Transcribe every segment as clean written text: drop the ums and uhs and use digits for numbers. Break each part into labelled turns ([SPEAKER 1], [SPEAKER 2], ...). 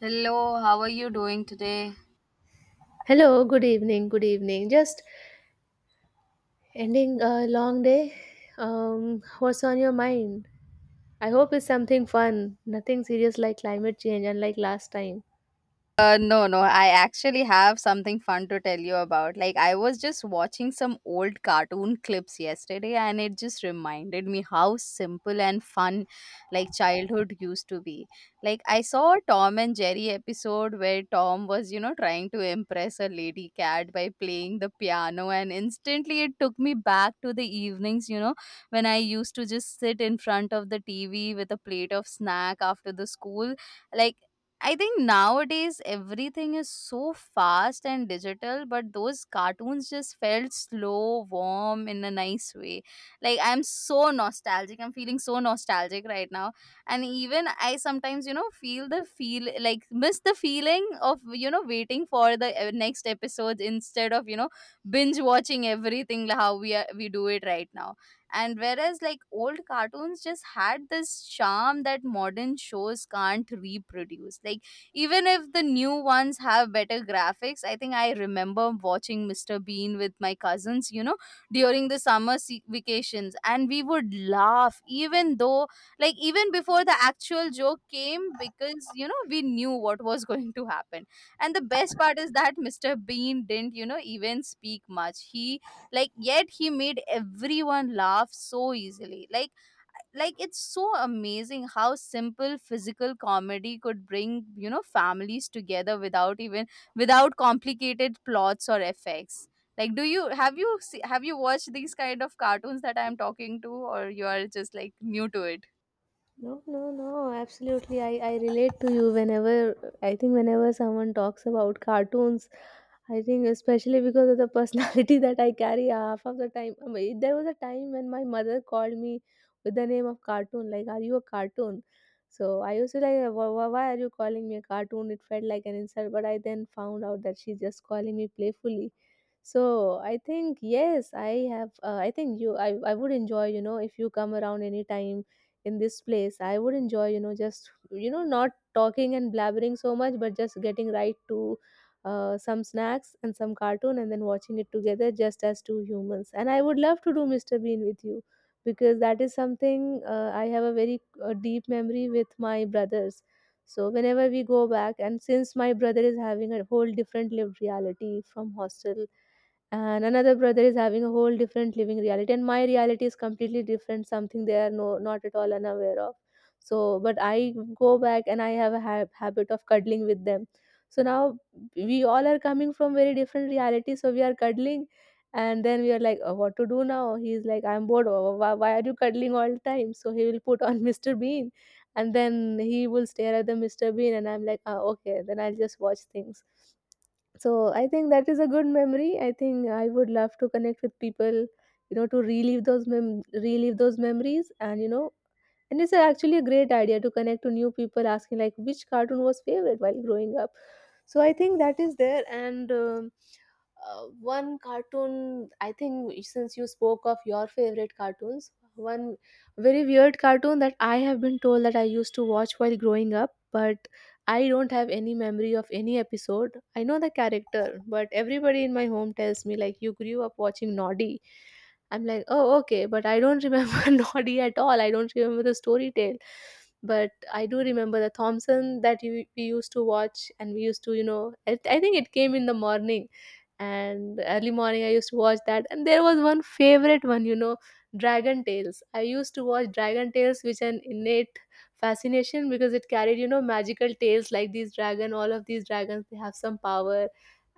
[SPEAKER 1] Hello, how are you doing today?
[SPEAKER 2] Hello, good evening, good evening. Just ending a long day. What's on your mind? I hope it's something fun, nothing serious like climate change, unlike last time.
[SPEAKER 1] No. I actually have something fun to tell you about. I was just watching some old cartoon clips yesterday, and it just reminded me how simple and fun, childhood used to be. Like, I saw a Tom and Jerry episode where Tom was, you know, trying to impress a lady cat by playing the piano, and instantly it took me back to the evenings, you know, when I used to just sit in front of the TV with a plate of snack after the school like I think nowadays everything is so fast and digital, but those cartoons just felt slow, warm in a nice way. Like I'm so nostalgic. I'm feeling so nostalgic right now. And even I sometimes, you know, feel the feel like miss the feeling of, you know, waiting for the next episode instead of, you know, binge watching everything how we do it right now. And whereas like old cartoons just had this charm that modern shows can't reproduce, like even if the new ones have better graphics. I think I remember watching Mr. Bean with my cousins, you know, during the summer vacations, and we would laugh even though, like, even before the actual joke came, because you know we knew what was going to happen. And the best part is that Mr. Bean didn't, you know, even speak much. He yet he made everyone laugh so easily. Like, it's so amazing how simple physical comedy could bring, you know, families together without even, without complicated plots or effects. Like, do you have you se- have you watched these kind of cartoons that I'm talking to, or you are just like new to it?
[SPEAKER 2] No, absolutely. I relate to you whenever, I think, whenever someone talks about cartoons, I think, especially because of the personality that I carry half of the time. I mean, there was a time when my mother called me with the name of cartoon, like, "Are you a cartoon?" So I used to like, Why are you calling me a cartoon?" It felt like an insult, but I then found out that she's just calling me playfully. So I think, yes, I have, I think I would enjoy, you know, if you come around anytime in this place, I would enjoy, you know, just, you know, not talking and blabbering so much, but just getting right to some snacks and some cartoon, and then watching it together just as two humans. And I would love to do Mr. Bean with you, because that is something, I have a very deep memory with my brothers. So whenever we go back, and since my brother is having a whole different lived reality from hostel, and another brother is having a whole different living reality, and my reality is completely different, something they are no not at all unaware of. So but I go back, and I have a habit of cuddling with them. So now we all are coming from very different realities, so we are cuddling, and then we are like, "Oh, what to do now?" He's like, "I'm bored. Oh, why are you cuddling all the time?" So he will put on Mr. Bean, and then he will stare at the Mr. Bean, and I'm like, "Ah, okay, then I'll just watch things." So I think that is a good memory. I think I would love to connect with people, you know, to relive those relive those memories, and you know, and it's actually a great idea to connect to new people asking like which cartoon was favorite while growing up. So I think that is there. And one cartoon, I think since you spoke of your favorite cartoons, one very weird cartoon that I have been told that I used to watch while growing up, but I don't have any memory of any episode. I know the character, but everybody in my home tells me like, "You grew up watching Noddy." I'm like, "Oh, okay," but I don't remember Noddy at all. I don't remember the story tale. But I do remember the Thompson that we used to watch, and we used to, you know, I think it came in the morning, and early morning I used to watch that. And there was one favorite one, you know, Dragon Tales. I used to watch Dragon Tales, which an innate fascination, because it carried, you know, magical tales like these dragon. All of these dragons, they have some power,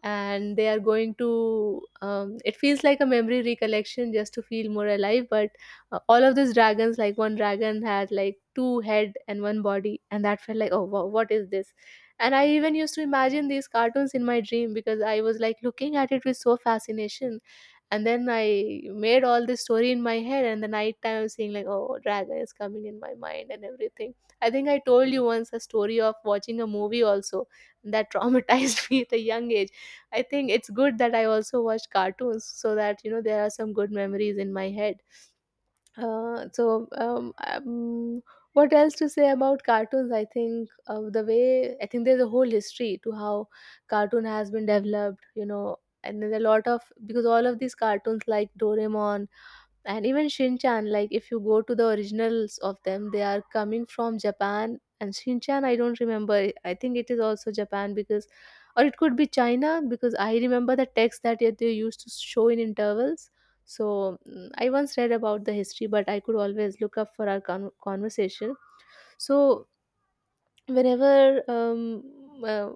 [SPEAKER 2] and they are going to it feels like a memory recollection just to feel more alive. But all of these dragons, like one dragon had like two head and one body, and that felt like, "Oh wow, what is this?" And I even used to imagine these cartoons in my dream, because I was like looking at it with so fascination. And then I made all this story in my head, and the night time I was seeing like, "Oh, dragon is coming in my mind," and everything. I think I told you once a story of watching a movie also that traumatized me at a young age. I think it's good that I also watch cartoons, so that you know there are some good memories in my head. Uh, so um, um, what else to say about cartoons? I think the way I think there's a whole history to how cartoon has been developed. You know, and there's a lot of, because all of these cartoons like Doraemon, and even Shinchan, like if you go to the originals of them, they are coming from Japan. And Shinchan, I don't remember. I think it is also Japan, because, or it could be China, because I remember the text that they used to show in intervals. So I once read about the history, but I could always look up for our conversation. So whenever, uh,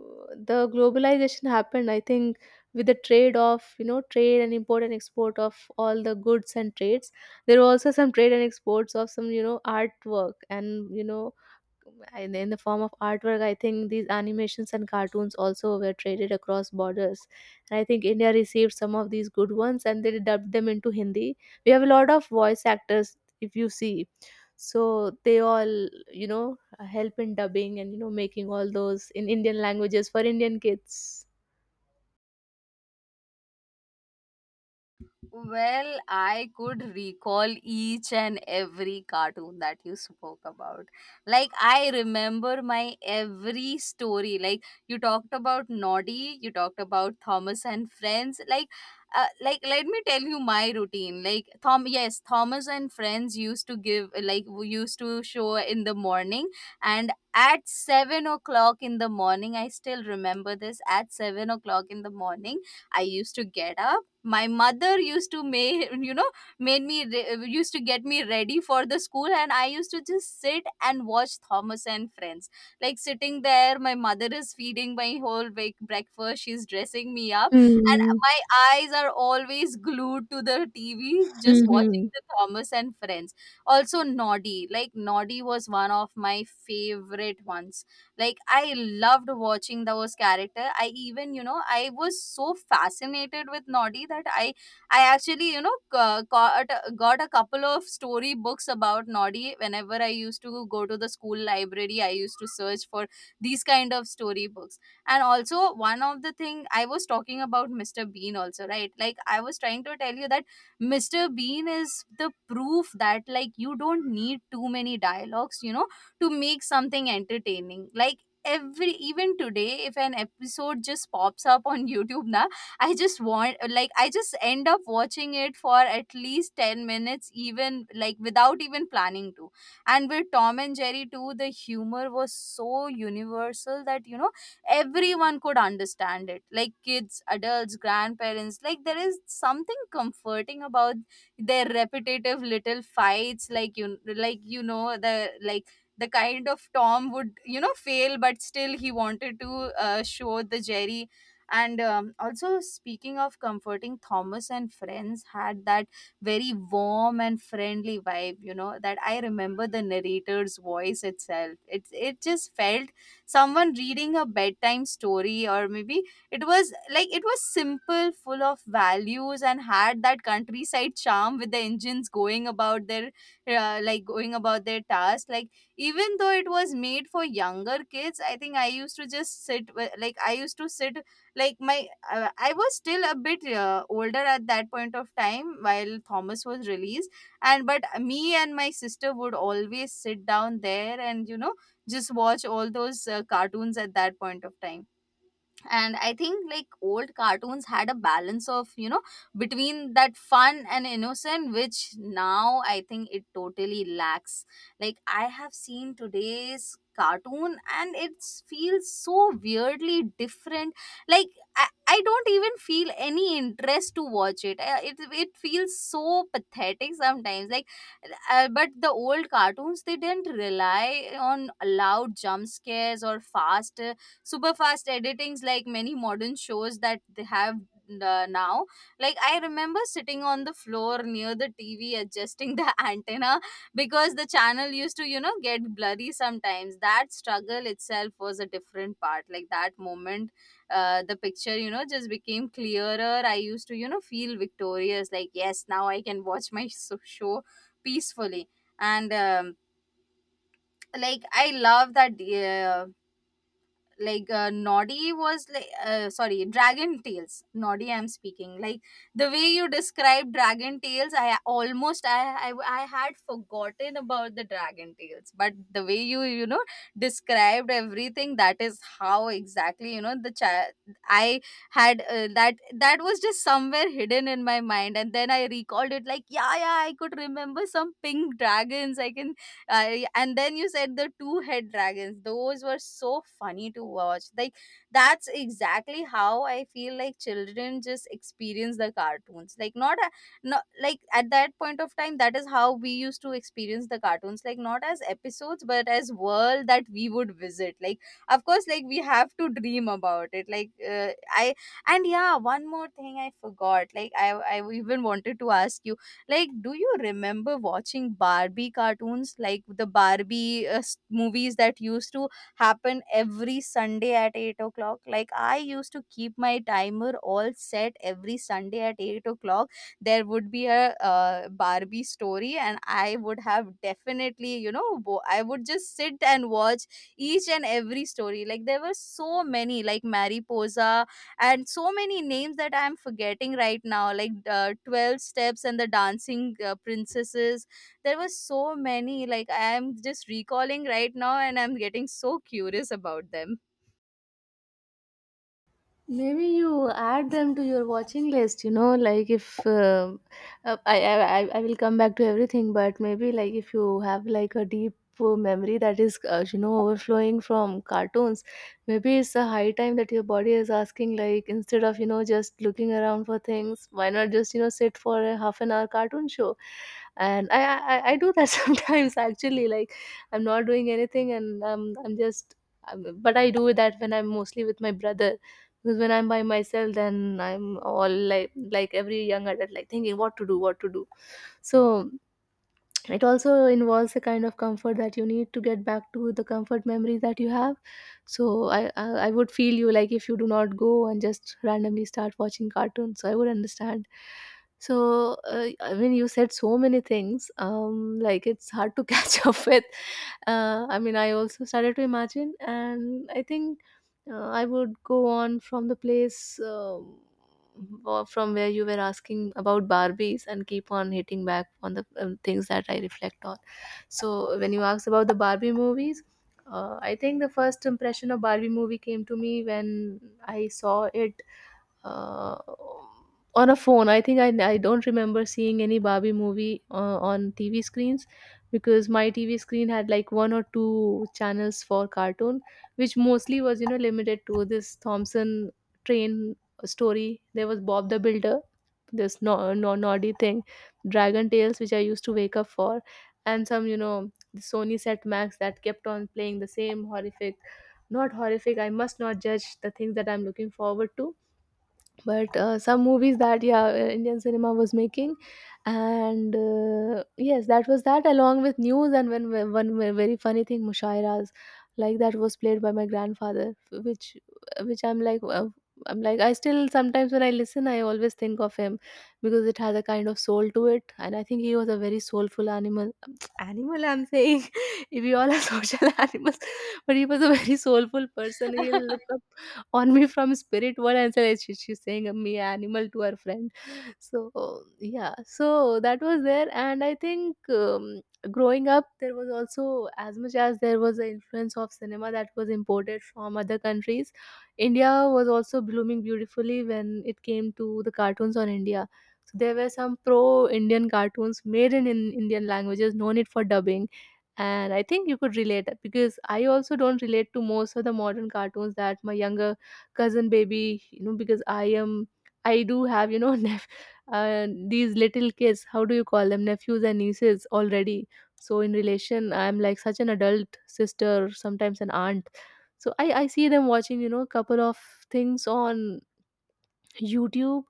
[SPEAKER 2] the globalization happened, I think with the trade of, you know, trade and import and export of all the goods and trades, there were also some trade and exports of some, you know, artwork, and you know, and in the form of artwork, I think these animations and cartoons also were traded across borders. And I think India received some of these good ones, and they dubbed them into Hindi. We have a lot of voice actors, if you see. So they all, you know, help in dubbing and, you know, making all those in Indian languages for Indian kids.
[SPEAKER 1] Well, I could recall each and every cartoon that you spoke about. Like, I remember my every story. Like, you talked about Noddy, you talked about Thomas and Friends. Like let me tell you my routine. Like, Thomas and Friends used to give, like, we used to show in the morning, and at 7 o'clock in the morning, I still remember this. At 7 o'clock in the morning, I used to get up. My mother used to make, you know, used to get me ready for the school, and I used to just sit and watch Thomas and Friends. Like, sitting there, my mother is feeding my whole big breakfast, she's dressing me up, and my eyes are always glued to the TV, just watching
[SPEAKER 2] Mm-hmm.
[SPEAKER 1] the Thomas and Friends. Also Noddy, like Noddy was one of my favorite ones. Like, I loved watching those character. I even, you know, I was so fascinated with Noddy that I actually, you know, got a couple of story books about Noddy. Whenever I used to go to the school library, I used to search for these kind of story books. And also one of the thing I was talking about Mr. Bean also, right? Like I was trying to tell you that Mr. Bean is the proof that, like, you don't need too many dialogues, you know, to make something entertaining. Like, every even today if an episode just pops up on YouTube na, I just want, like, I just end up watching it for at least 10 minutes even, like without even planning to. And with Tom and Jerry too, the humor was so universal that, you know, everyone could understand it, like kids, adults, grandparents. Like there is something comforting about their repetitive little fights. Like you like you know the like the kind of Tom would, you know, fail, but still he wanted to show the Jerry. And also, speaking of comforting, Thomas and Friends had that very warm and friendly vibe, you know. That I remember the narrator's voice itself. It just felt someone reading a bedtime story, or maybe it was simple, full of values, and had that countryside charm with the engines going about their, going about their task. Like, even though it was made for younger kids, I think I used to just sit with, like I used to sit like my I was still a bit older at that point of time while Thomas was released. And but me and my sister would always sit down there and, you know, just watch all those cartoons at that point of time. And I think like old cartoons had a balance of, you know, between that fun and innocent, which now I think it totally lacks. Like, I have seen today's cartoon and it feels so weirdly different. Like, I don't even feel any interest to watch it. It feels so pathetic sometimes. Like, but the old cartoons, they didn't rely on loud jump scares or fast, super fast editings like many modern shows that they have now. Like, I remember sitting on the floor near the TV, adjusting the antenna because the channel used to, you know, get blurry sometimes. That struggle itself was a different part. Like that moment the picture, you know, just became clearer, I used to, you know, feel victorious, like, yes, now I can watch my show peacefully. And like I love that Noddy was like, sorry, Dragon Tales. Noddy I'm speaking, like the way you described Dragon Tales. I almost I had forgotten about the Dragon Tales, but the way you, you know, described everything, that is how exactly, you know, the child I had, that was just somewhere hidden in my mind, and then I recalled it. Like, yeah, yeah, I could remember some pink dragons, I can. I and then you said the two head dragons. Those were so funny to watch. Like that's exactly how I feel, like children just experience the cartoons. Like not like, at that point of time, that is how we used to experience the cartoons, like not as episodes but as world that we would visit. Like of course, like we have to dream about it. Like I. And yeah, one more thing I forgot. Like I even wanted to ask you like, do you remember watching Barbie cartoons, like the Barbie movies that used to happen every Sunday at 8 o'clock? Like, I used to keep my timer all set every Sunday at 8 o'clock. There would be a Barbie story, and I would have definitely, you know, I would just sit and watch each and every story. Like, there were so many, like Mariposa and so many names that I am forgetting right now, like, 12 steps and the dancing princesses. There were so many, like I am just recalling right now, and I'm getting so curious about them.
[SPEAKER 2] Maybe you add them to your watching list, you know, like if I will come back to everything, but maybe like if you have like a deep memory that is you know overflowing from cartoons, maybe it's a high time that your body is asking, like instead of, you know, just looking around for things, why not just, you know, sit for a half an hour cartoon show? And I do that sometimes actually. Like I'm not doing anything, and I'm just but I do that when I'm mostly with my brother, because when I'm by myself, then I'm all like every young adult, like thinking what to do, what to do. So it also involves a kind of comfort that you need to get back to the comfort memory that you have. So I would feel you like if you do not go and just randomly start watching cartoons, so I would understand. So I mean you said so many things, like it's hard to catch up with. I mean I also started to imagine, and I think I would go on from the place, or from where you were asking about Barbies, and keep on hitting back on the things that I reflect on. So when you asked about the Barbie movies, I think the first impression of Barbie movie came to me when I saw it uh, on a phone. I think I don't remember seeing any Barbie movie on TV screens, because my TV screen had like one or two channels for cartoon, which mostly was, you know, limited to this Thompson train story. There was Bob the Builder, this no, no, naughty thing, Dragon Tales, which I used to wake up for, and some, you know, the Sony Set Max that kept on playing the same horrific, not horrific, I must not judge the things that I'm looking forward to, but some movies that, yeah, Indian cinema was making. And yes, that was that, along with news, and very funny thing, mushairas, like that was played by my grandfather, which I'm like, I'm like I still sometimes when I listen I always think of him, because it has a kind of soul to it. And I think he was a very soulful animal animal, I'm saying if we all are social animals, but he was a very soulful person. He'll look on me from spirit world and said, She's saying me animal to her friend." So yeah, so that was there. And I think, growing up there was also, as much as there was the influence of cinema that was imported from other countries, India was also blooming beautifully when it came to the cartoons on India. So there were some pro Indian cartoons made in Indian languages, no need for dubbing. And I think you could relate, because I also don't relate to most of the modern cartoons that my younger cousin baby, you know, because I am, I do have, you know, these little kids, how do you call them, nephews and nieces already. So in relation I'm like such an adult sister, sometimes an aunt. So I see them watching, you know, a couple of things on YouTube.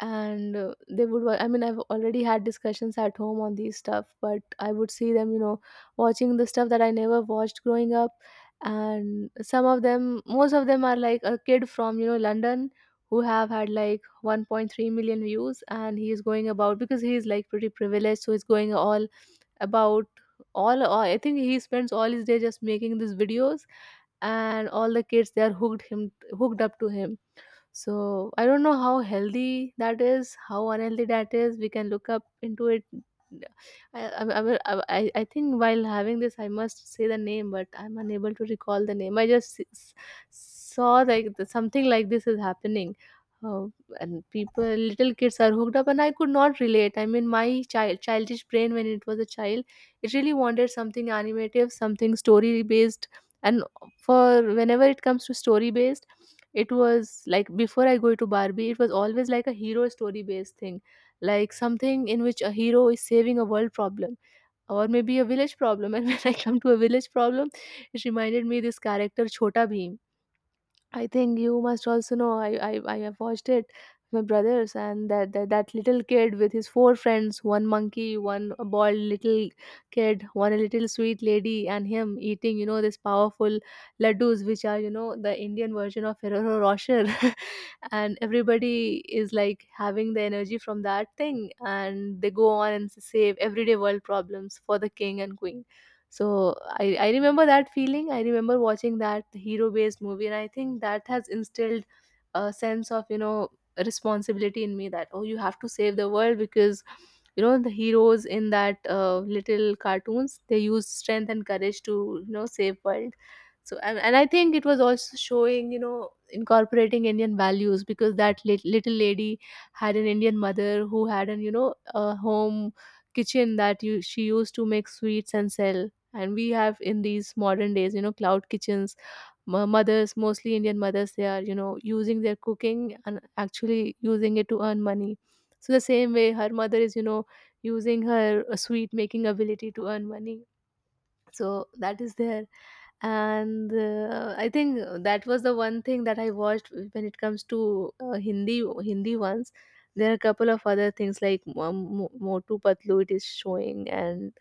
[SPEAKER 2] And they would I mean I've already had discussions at home on these stuff, but I would see them, you know, watching the stuff that I never watched growing up. And some of them, most of them, are like a kid from, you know, London who have had like 1.3 million views, and he Is going about because he is like pretty privileged, so he's going all about. All, I think he spends all his day just making these videos, and all the kids they are hooked up to him. So I don't know how healthy that is, how unhealthy that is. We can look up into it. I think while having this, I must say the name, but I'm unable to recall the name. I saw something like this is happening. Uh, and people, little kids are hooked up, and I could not relate. I mean, my childish brain, when it was a child, it really wanted something animative, something story based. And for whenever it comes to story based, it was like before I go to Barbie, it was always like a hero story based thing, like something in which a hero is saving a world problem or maybe a village problem. And when I come to a village problem, it reminded me this character Chota Bheem. I think you must also know. I have watched it with my brothers. And that little kid with his four friends, one monkey, one bald little kid, one little sweet lady, and him eating, you know, this powerful laddus, which are, you know, the Indian version of Ferrero Rocher, and everybody is like having the energy from that thing, and they go on and save everyday world problems for the king and queen. So I remember that feeling. I remember watching that hero based movie, and I think that has instilled a sense of, you know, responsibility in me, that, oh, you have to save the world because, you know, the heroes in that little cartoons, they use strength and courage to, you know, save world. So, and I think it was also showing, you know, incorporating Indian values because that little lady had an Indian mother who had an, you know, a home kitchen that she used to make sweets and sell. And we have, in these modern days, you know, cloud kitchens. Mothers, mostly Indian mothers, they are, you know, using their cooking and actually using it to earn money. So the same way, her mother is, you know, using her sweet making ability to earn money. So that is there. And I think that was the one thing that I watched. When it comes to uh, hindi Hindi ones, there are a couple of other things like Motu Patlu, it is showing, and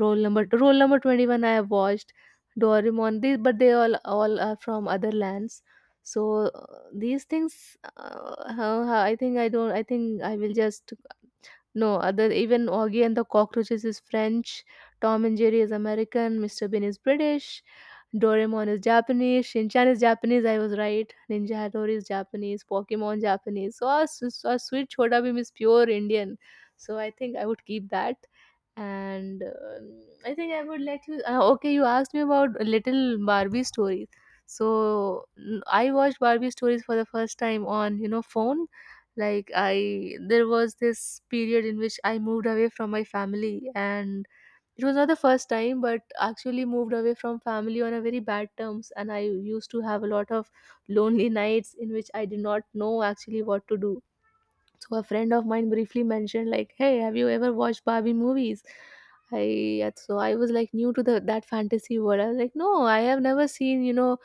[SPEAKER 2] Roll number 21 I have watched, Doraemon, these, but they all are from other lands. So these things, I think I don't. I think I will just no, other, even Augie and the Cockroaches is French, Tom and Jerry is American, Mr. Bean is British, Doraemon is Japanese, Shinchan is Japanese, I was right, Ninja Hattori is Japanese, Pokemon Japanese. So our sweet Chota Bheem is pure Indian. So I think I would keep that. And um, I think I would let you. Okay, you asked me about Little Barbie stories. So I watched Barbie stories for the first time on, you know, phone. Like I There was this period in which I moved away from my family, and it was not the first time, but actually moved away from family on a very bad terms, and I used to have a lot of lonely nights in which I did not know actually what to do. So a friend of mine briefly mentioned like, "Hey, have you ever watched Barbie movies?" I yeah, so I was like new to the that fantasy world. I was like, "No, I have never seen, you know,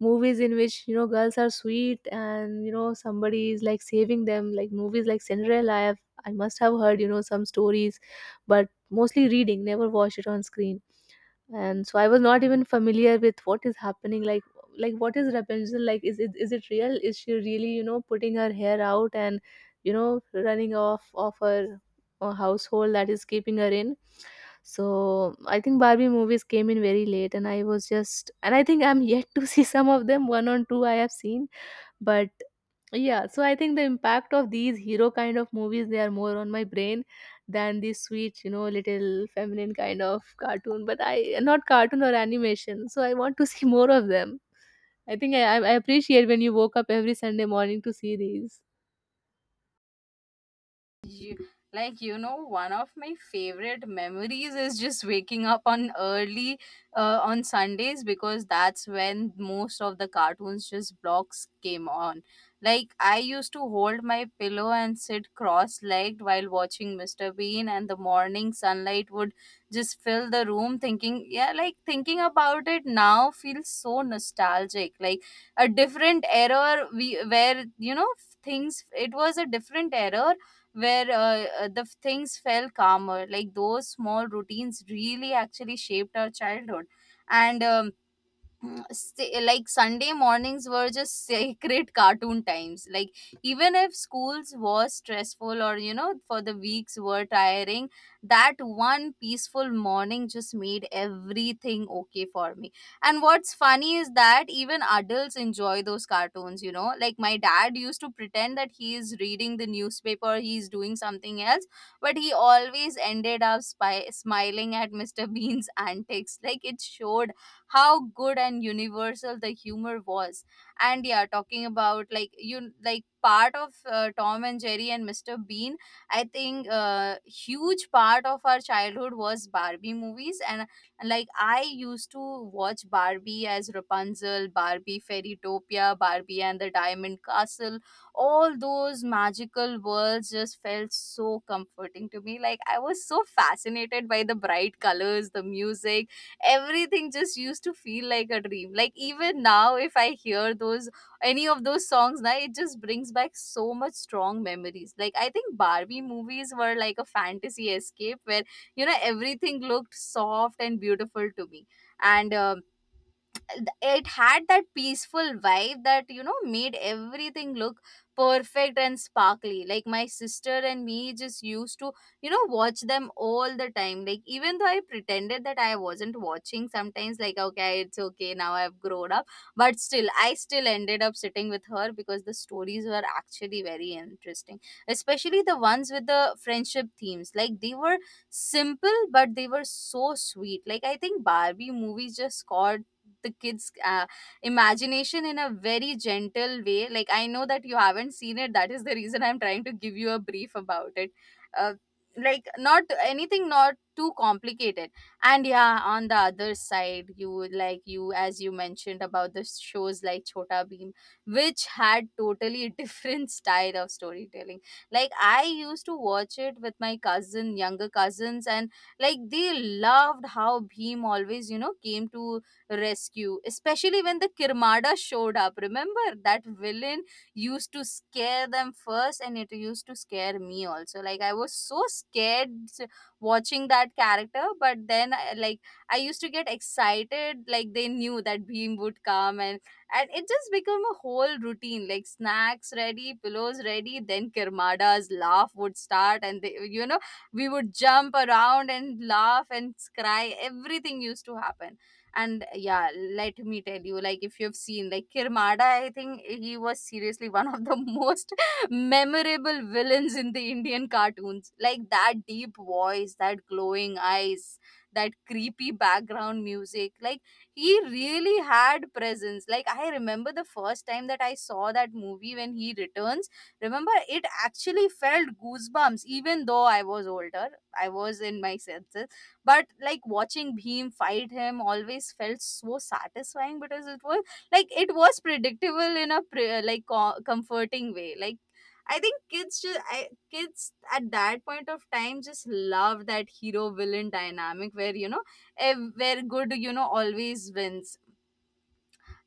[SPEAKER 2] movies in which, you know, girls are sweet and, you know, somebody is like saving them, like movies like Cinderella. I must have heard, you know, some stories, but mostly reading, never watched it on screen." And so I was not even familiar with what is happening, like what is Rapunzel, like is it real, is she really, you know, putting her hair out and, you know, running off of her household that is keeping her in. So I think Barbie movies came in very late, and I was just, and I think I'm yet to see some of them, one or two I have seen. But yeah, so I think the impact of these hero kind of movies, they are more on my brain than these sweet, you know, little feminine kind of cartoon. But I not cartoon or animation, so I want to see more of them. I think I appreciate when you woke up every Sunday morning to see these.
[SPEAKER 1] You, like, you know, one of my favorite memories is just waking up on early, on Sundays because that's when most of the cartoons just blocks came on. Like, I used to hold my pillow and sit cross-legged while watching Mr. Bean, and the morning sunlight would just fill the room, thinking, yeah, like thinking about it now feels so nostalgic. Like a different era, we where, you know, things it was a different era where the things felt calmer. Like those small routines really actually shaped our childhood. And mm, like Sunday mornings were just sacred cartoon times. Like even if schools was stressful, or, you know, for the weeks were tiring, that one peaceful morning just made everything okay for me. And what's funny is that even adults enjoy those cartoons, you know, like my dad used to pretend that he is reading the newspaper, he's doing something else, but he always ended up smiling at Mr. Bean's antics. Like, it showed how good and universal the humor was. And yeah, talking about like you like part of Tom and Jerry and Mr. Bean, I think huge part of our childhood was Barbie movies. And like I used to watch Barbie as Rapunzel, Barbie Fairytopia, Barbie and the Diamond Castle. All those magical worlds just felt so comforting to me. Like I was so fascinated by the bright colors, the music, everything just used to feel like a dream. Like even now if I hear those, any of those songs now, it just brings back so much strong memories. Like I think Barbie movies were like a fantasy escape where, you know, everything looked soft and beautiful to me. And it had that peaceful vibe that, you know, made everything look perfect and sparkly. Like my sister and me just used to, you know, watch them all the time. Like even though I pretended that I wasn't watching sometimes, like Okay, it's okay, now I've grown up. But still, I still ended up sitting with her because the stories were actually very interesting, especially the ones with the friendship themes. Like, they were simple but they were so sweet. Like, I think Barbie movies just scored the kids imagination in a very gentle way. Like, I know that you haven't seen it. That is the reason I'm trying to give you a brief about it. uh, like, not anything, not too complicated. And yeah, on the other side, you would like, you as you mentioned about the shows like Chota Beam, which had totally different style of storytelling. Like, I used to watch it with my cousin younger cousins, and like, they loved how Bhim always, you know, came to rescue, especially when the Kirmada showed up. Remember, that villain used to scare them first, and it used to scare me also. Like, I was so scared watching that character, but then, like, I used to get excited, like, they knew that Beam would come, and it just became a whole routine. Like, snacks ready, pillows ready, then Kirmada's laugh would start, and they, you know, we would jump around and laugh and cry. Everything used to happen. And yeah, let me tell you, like if you've seen like Kirmada, I think he was seriously one of the most memorable villains in the Indian cartoons. Like, that deep voice, that glowing eyes, that creepy background music, like he really had presence. Like, I remember the first time that I saw that movie when he returns, remember, it actually felt goosebumps even though I was older, I was in my senses. But like watching Bhim fight him always felt so satisfying, because it was like, it was predictable in a comforting way. Like, I think kids just kids at that point of time just love that hero villain dynamic where you know, where good, you know, always wins.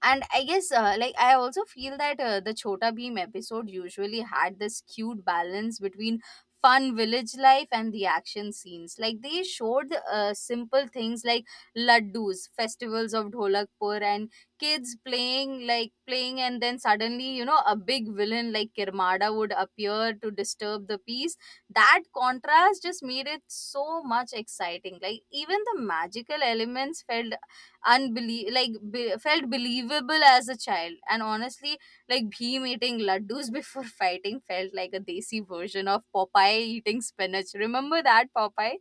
[SPEAKER 1] And I guess like I also feel that the Chota Beam episode usually had this cute balance between fun village life and the action scenes. Like, they showed simple things like laddus, festivals of Dholakpur, and kids playing, like playing, and then suddenly, you know, a big villain like Kirmada would appear to disturb the peace. That contrast just made it so much exciting. Like, even the magical elements felt felt believable as a child. And honestly, like Bhim eating laddus before fighting felt like a desi version of Popeye eating spinach. Remember that Popeye?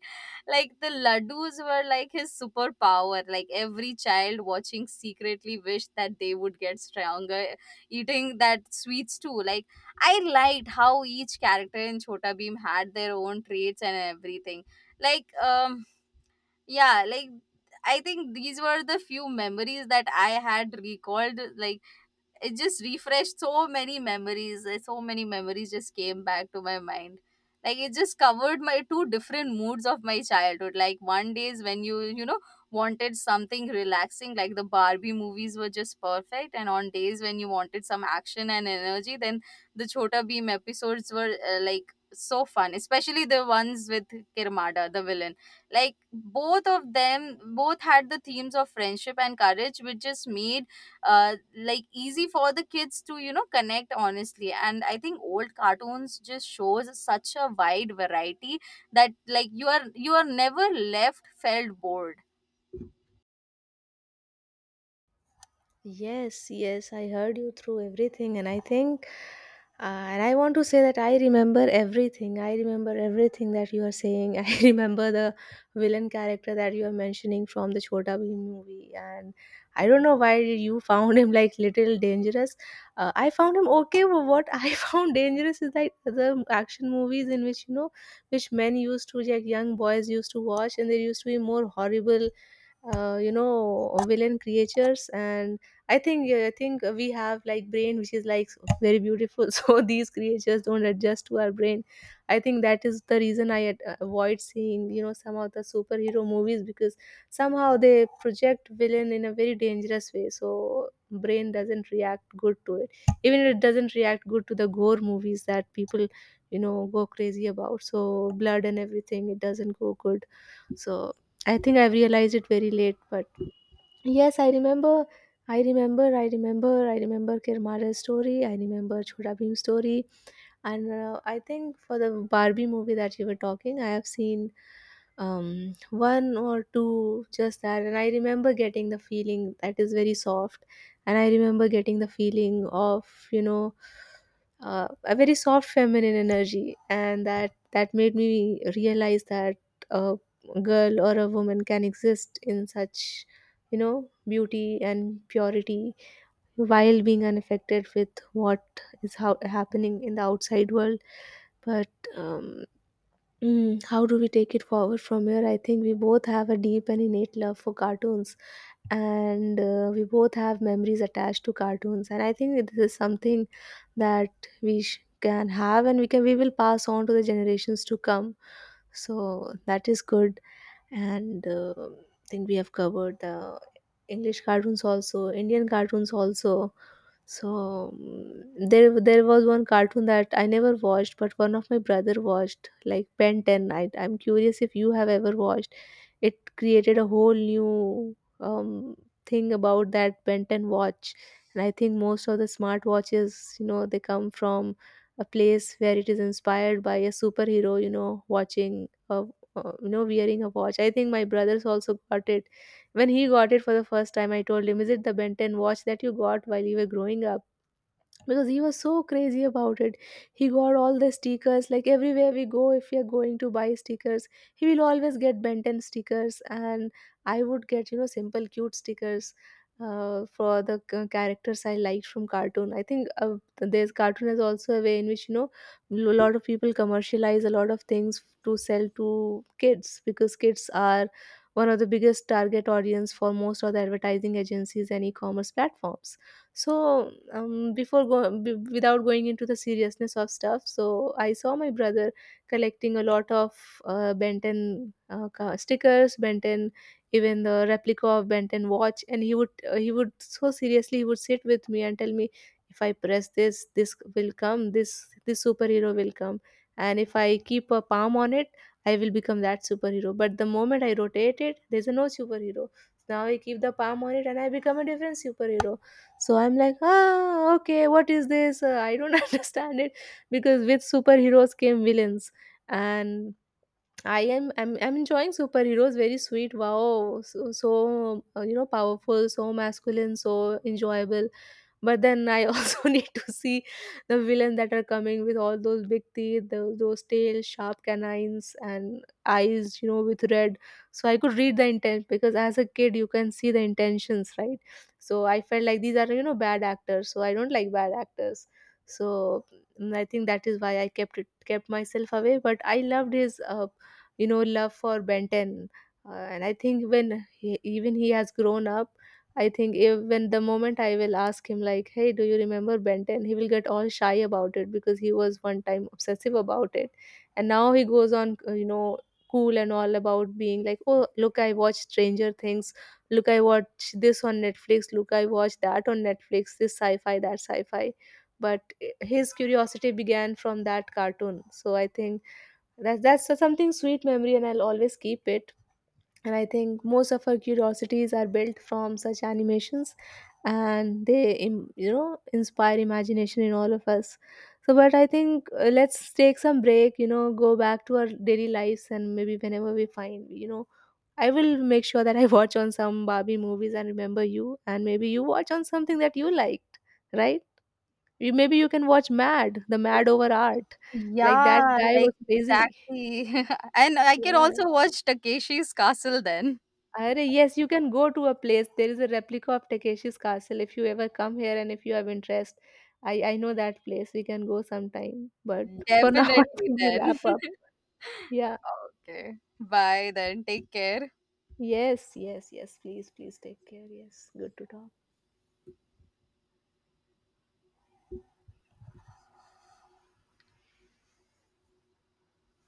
[SPEAKER 1] Like, the laddus were like his superpower. Like, every child watching secretly wished that they would get stronger eating that sweets too. Like, I liked how each character in Chota Beam had their own traits and everything. like um yeah like I think these were the few memories that I had recalled. Like, it just refreshed so many memories. So many memories just came back to my mind. Like, it just covered my two different moods of my childhood. Like, one days when you know, wanted something relaxing, like the Barbie movies were just perfect. And on days when you wanted some action and energy, then the Chota Beam episodes were like so fun, especially the ones with Kirmada the villain. Like, both of them, both had the themes of friendship and courage, which just made like easy for the kids to, you know, connect honestly. And I think old cartoons just shows such a wide variety that like you are never left felt bored.
[SPEAKER 2] Yes, yes, I heard you through everything, and I think, and I want to say that I remember everything. I remember everything that you are saying. I remember the villain character that you are mentioning from the Chota Bheem movie, and I don't know why you found him like little dangerous. I found him okay, but what I found dangerous is like the action movies in which, you know, which men used to, like young boys used to watch, and there used to be more horrible you know, villain creatures. And I think we have like brain which is like very beautiful. So these creatures don't adjust to our brain. I think that is the reason I avoid seeing, you know, some of the superhero movies, because somehow they project villain in a very dangerous way, so brain doesn't react good to it. Even it doesn't react good to the gore movies that people, you know, go crazy about. So blood and everything, it doesn't go good. So I think I've realized it very late, but yes, I remember. I remember Kirmara's story. I remember Chhota Bhim's story. And I think for the Barbie movie that you were talking, I have seen one or two just that. And I remember getting the feeling that is very soft. And I remember getting the feeling of, you know, a very soft feminine energy. And that made me realize that a girl or a woman can exist in such, you know, beauty and purity while being unaffected with what is how happening in the outside world. But um, mm, how do we take it forward from here? I think we both have a deep and innate love for cartoons, and we both have memories attached to cartoons, and I think this is something that we can have, and we will pass on to the generations to come. So that is good. And I think we have covered the English cartoons also, Indian cartoons also. So mm, there was one cartoon that I never watched, but one of my brother watched, like Ben 10. I'm curious if you have ever watched. It created a whole new thing about that Ben 10 watch, and I think most of the smart watches, you know, they come from a place where it is inspired by a superhero, you know, watching a you know, wearing a watch. I think my brothers also got it. When he got it for the first time, I told him, is it the Benton watch that you got while you were growing up? Because he was so crazy about it, he got all the stickers. Like everywhere we go, if we are going to buy stickers, he will always get Benton stickers. And I would get, you know, simple cute stickers for the characters I liked from cartoon. I think there's cartoon is also a way in which, you know, a lot of people commercialize a lot of things to sell to kids, because kids are one of the biggest target audience for most of the advertising agencies and e-commerce platforms. So without going into the seriousness of stuff, so I saw my brother collecting a lot of Benton stickers, Benton, even the replica of Benton watch. And he would so seriously, he would sit with me and tell me, if I press this, this will come this this superhero will come. And if I keep a palm on it, I will become that superhero. But the moment I rotate it, there's a no superhero. Now I keep the palm on it and I become a different superhero. So I'm like, ah, okay, what is this? I don't understand it because with superheroes came villains, and I'm enjoying superheroes. Very sweet, wow, you know, powerful, so masculine, so enjoyable. But then I also need to see the villain that are coming with all those big teeth, those tail sharp canines and eyes, you know, with red. So I could read the intent, because as a kid you can see the intentions, right? So I felt like these are, you know, bad actors, so I don't like bad actors. So mm, I think that is why I kept myself away, but I loved his you know, love for Benton. And I think when even he has grown up, I think even the moment I will ask him like, "Hey, do you remember Ben 10?" he will get all shy about it because he was one time obsessive about it, and now he goes on, you know, cool and all about being like, "Oh, look, I watched Stranger Things. Look, I watched this on Netflix. Look, I watched that on Netflix. This sci-fi, that sci-fi." But his curiosity began from that cartoon. So I think that's something sweet memory, and I'll always keep it. And I think most of our curiosities are built from such animations, and they you know, inspire imagination in all of us. So, but I think let's take some break, you know, go back to our daily lives, and maybe whenever we find, you know, I will make sure that I watch on some Barbie movies and remember you, and maybe you watch on something that you liked, right? You, maybe you can watch mad over art, like that
[SPEAKER 1] Yeah,
[SPEAKER 2] guy
[SPEAKER 1] like
[SPEAKER 2] was crazy,
[SPEAKER 1] exactly. And I can
[SPEAKER 2] yeah.
[SPEAKER 1] also watch Takeshi's Castle then.
[SPEAKER 2] Arre, yes, you can go to a place. There is a replica of Takeshi's castle if you ever come here and if you have interest. I know that place. We can go sometime. But for now, I
[SPEAKER 1] Definitely
[SPEAKER 2] think we
[SPEAKER 1] then.
[SPEAKER 2] wrap up. Yeah.
[SPEAKER 1] Okay. Bye then. Take care.
[SPEAKER 2] Yes. Please take care. Yes. Good to talk.